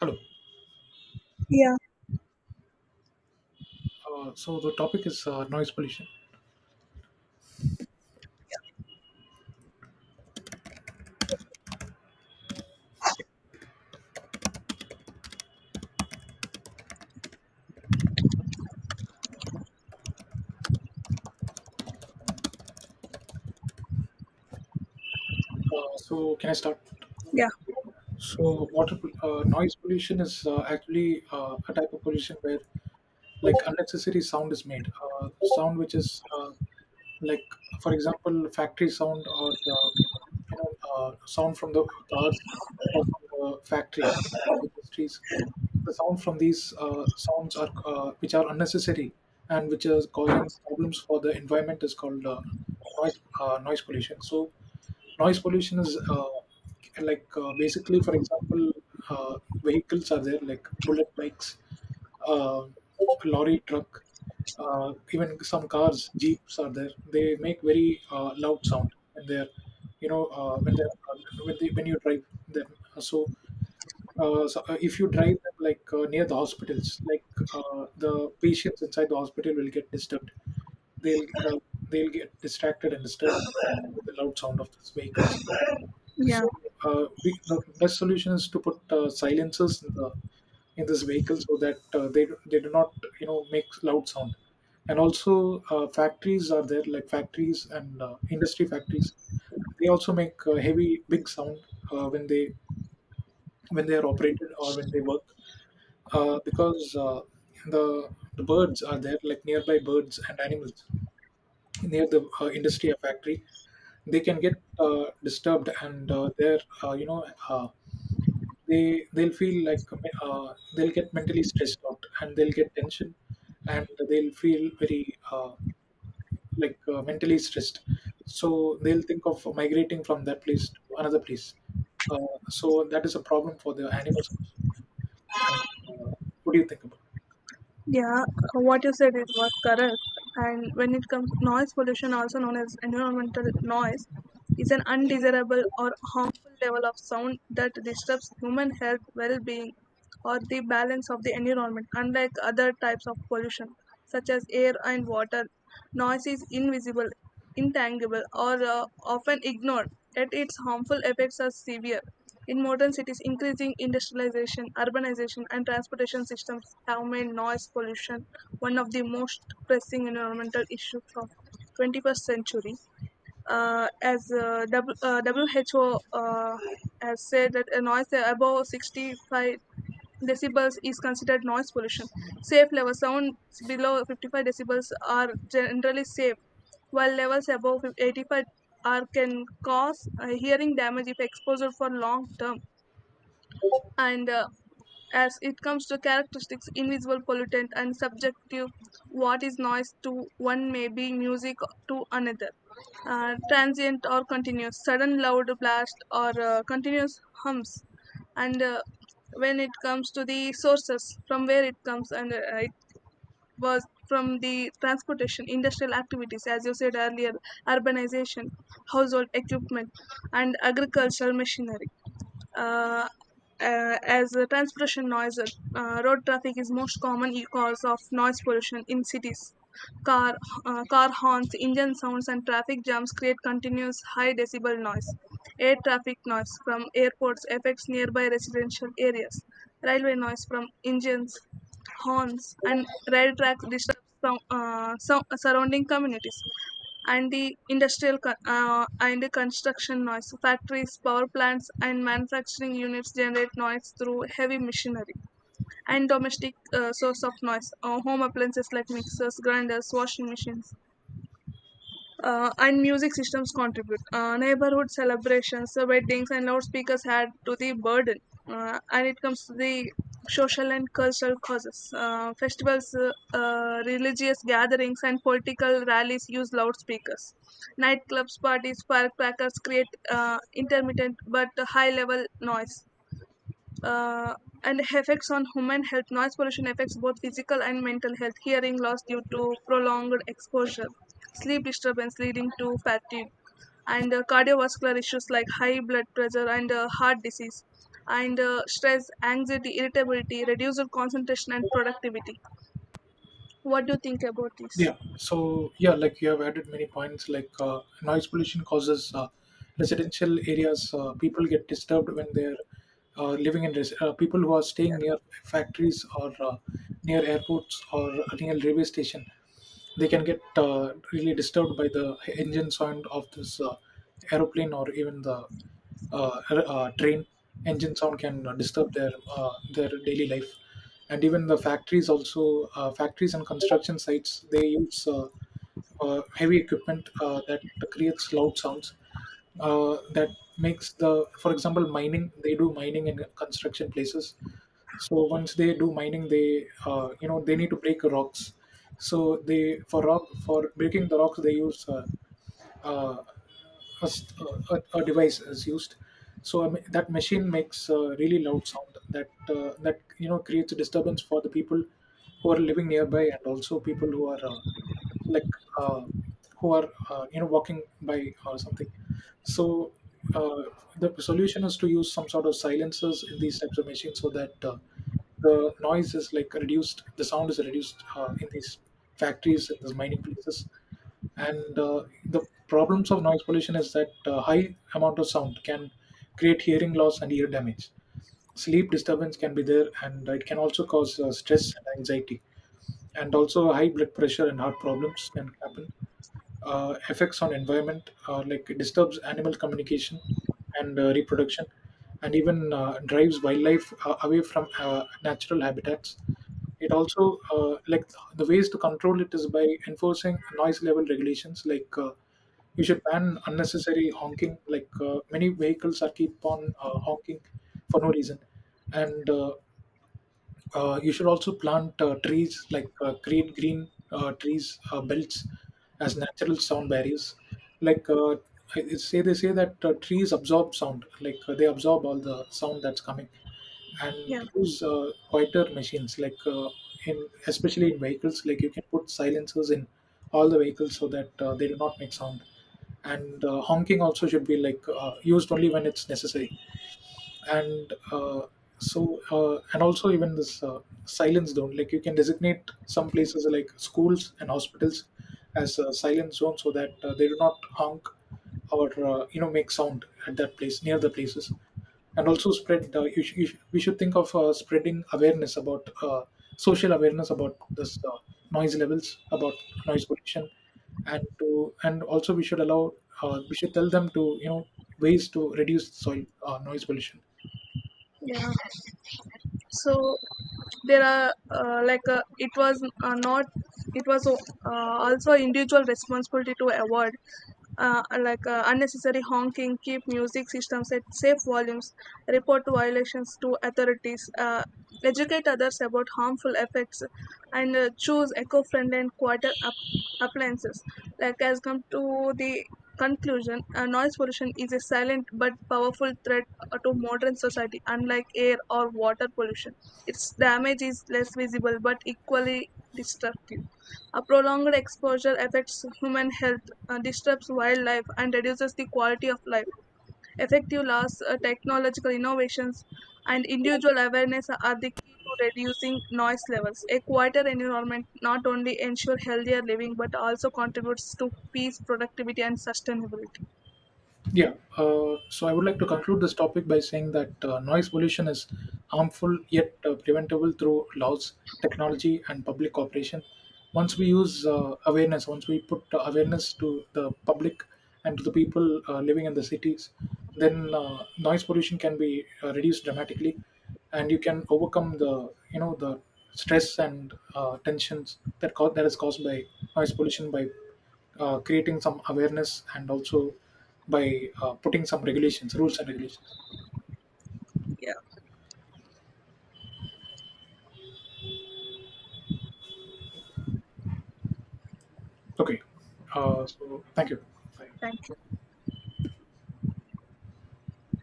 Hello. Yeah, So the topic is noise pollution. So can I start? yeah, Noise pollution is actually a type of pollution where like unnecessary sound is made. Sound which is like, for example, factory sound or sound from the cars or from the factory, from the industries. The sound from these sounds are which are unnecessary and which is causing problems for the environment is called noise pollution. So noise pollution is like basically, for example, uh, vehicles are there like bullet bikes, uh, lorry, truck, even some cars, jeeps are there. They make very loud sound when they're, you know, when they're when, they, when you drive them. So so if you drive them like near the hospitals, like the patients inside the hospital will get disturbed. They'll uh, they'll get distracted and disturbed with the loud sound of these vehicles. yeah, So the best solution is to put silencers in the in this vehicle so that they do not make loud sound. And also factories are there like factories and industry factories. They also make heavy big sound when they, when they are operated or when they work, because the birds are there, like nearby birds and animals near the industry or factory, they can get disturbed, and they'll feel like they'll get mentally stressed out and they'll get tension and they'll feel very mentally stressed. So they'll think of migrating from that place to another place. Uh, so that is a problem for the animals also. And, uh, what do you think about? yeah. What you said it was correct. And when it comes, noise pollution, also known as environmental noise, is an undesirable or harmful level of sound that disturbs human health, well-being, or the balance of the environment. Unlike other types of pollution, such as air and water, noise is invisible, intangible, or often ignored. Yet its harmful effects are severe. In modern cities, increasing industrialization, urbanization, and transportation systems have made noise pollution one of the most pressing environmental issues of 21st century. Uh, as uh, w, uh, WHO has said that a noise above 65 decibels is considered noise pollution. Safe level sounds below 55 decibels are generally safe, while levels above 85 are can cause hearing damage if exposed for long term, and as it comes to characteristics invisible pollutant and subjective, what is noise to one may be music to another, transient or continuous sudden loud blast or continuous hums, and when it comes to the sources from where it comes, and it was from the transportation industrial activities, as you said earlier, urbanization, household equipment, and agricultural machinery. Uh, uh, as uh, transportation noise, road traffic is most common cause of noise pollution in cities. Car, Car horns, engine sounds, and traffic jams create continuous high decibel noise. Air traffic noise from airports affects nearby residential areas. Railway noise from engines, horns, and rail tracks disturb some surrounding communities. And the construction noise. Factories, power plants, and manufacturing units generate noise through heavy machinery. And domestic source of noise. Home appliances like mixers, grinders, washing machines, and music systems contribute. Neighborhood celebrations, weddings, and loudspeakers add to the burden, and it comes to the social and cultural causes. Festivals, religious gatherings, and political rallies use loudspeakers. Nightclubs, parties, firecrackers create intermittent but high level noise, uh, and effects on human health. Noise pollution affects both physical and mental health, hearing loss due to prolonged exposure, sleep disturbance leading to fatigue, and cardiovascular issues like high blood pressure and heart disease, and stress, anxiety, irritability, reduced concentration, and productivity. What do you think about this? Yeah. So yeah, like you have added many points. Like noise pollution causes residential areas. People get disturbed when they're living in res- people who are staying near factories or near airports or near railway station. They can get really disturbed by the engine sound of this aeroplane or even the train engine sound can disturb their daily life. And even the factories also, factories and construction sites, they use heavy equipment that creates loud sounds that makes the, for example, mining, they do mining in construction places. So once they do mining, they you know they need to break rocks. So they, for rock, for breaking the rocks, they use uh, a st- a device is used. So that machine makes a really loud sound that creates a disturbance for the people who are living nearby, and also people who are like uh, who are walking by or something. So uh, the solution is to use some sort of silencers in these types of machines so that the noise is like reduced, the sound is reduced in these factories, in these mining places. And the problems of noise pollution is that high amount of sound can create hearing loss and ear damage, sleep disturbance can be there, and it can also cause stress and anxiety, and also high blood pressure and heart problems can happen. Effects on environment, like it disturbs animal communication and reproduction, and even drives wildlife away from natural habitats. It also the ways to control it is by enforcing noise level regulations, like you should ban unnecessary honking, like many vehicles are keep on honking for no reason. And You should also plant trees, like create green trees belts as natural sound barriers. Like uh, it's say, they say that trees absorb sound, like they absorb all the sound that's coming, and Yeah, use quieter machines, like in especially in vehicles, like you can put silencers in all the vehicles so that they do not make sound, and honking also should be like used only when it's necessary. and uh, and also even this silence zone, like you can designate some places like schools and hospitals as a silent zone so that they do not honk or make sound at that place, near the places. And also spread we should think of spreading awareness about social awareness about this noise levels, about noise pollution. And to, and also we should allow, we should tell them to ways to reduce soil noise pollution. yeah. So there are it was not, it was also individual responsibility to avoid unnecessary honking, keep music systems at safe volumes, report violations to authorities, educate others about harmful effects, and choose eco-friendly and quieter appliances. Like as come to the conclusion, noise pollution is a silent but powerful threat to modern society. Unlike air or water pollution, its damage is less visible but equally destructive. A prolonged exposure affects human health, disrupts wildlife, and reduces the quality of life. Effective laws, technological innovations, and individual awareness are the key to reducing noise levels. A quieter environment not only ensures healthier living but also contributes to peace, productivity, and sustainability. Yeah, so I would like to conclude this topic by saying that noise pollution is harmful yet preventable through laws, technology, and public cooperation. Once we use awareness, once we put awareness to the public and to the people living in the cities, then noise pollution can be reduced dramatically, and you can overcome the you know the stress and tensions that that is caused by noise pollution by creating some awareness, and also by putting some regulations, rules and regulations. Yeah, Okay. So thank you. Bye. thank you.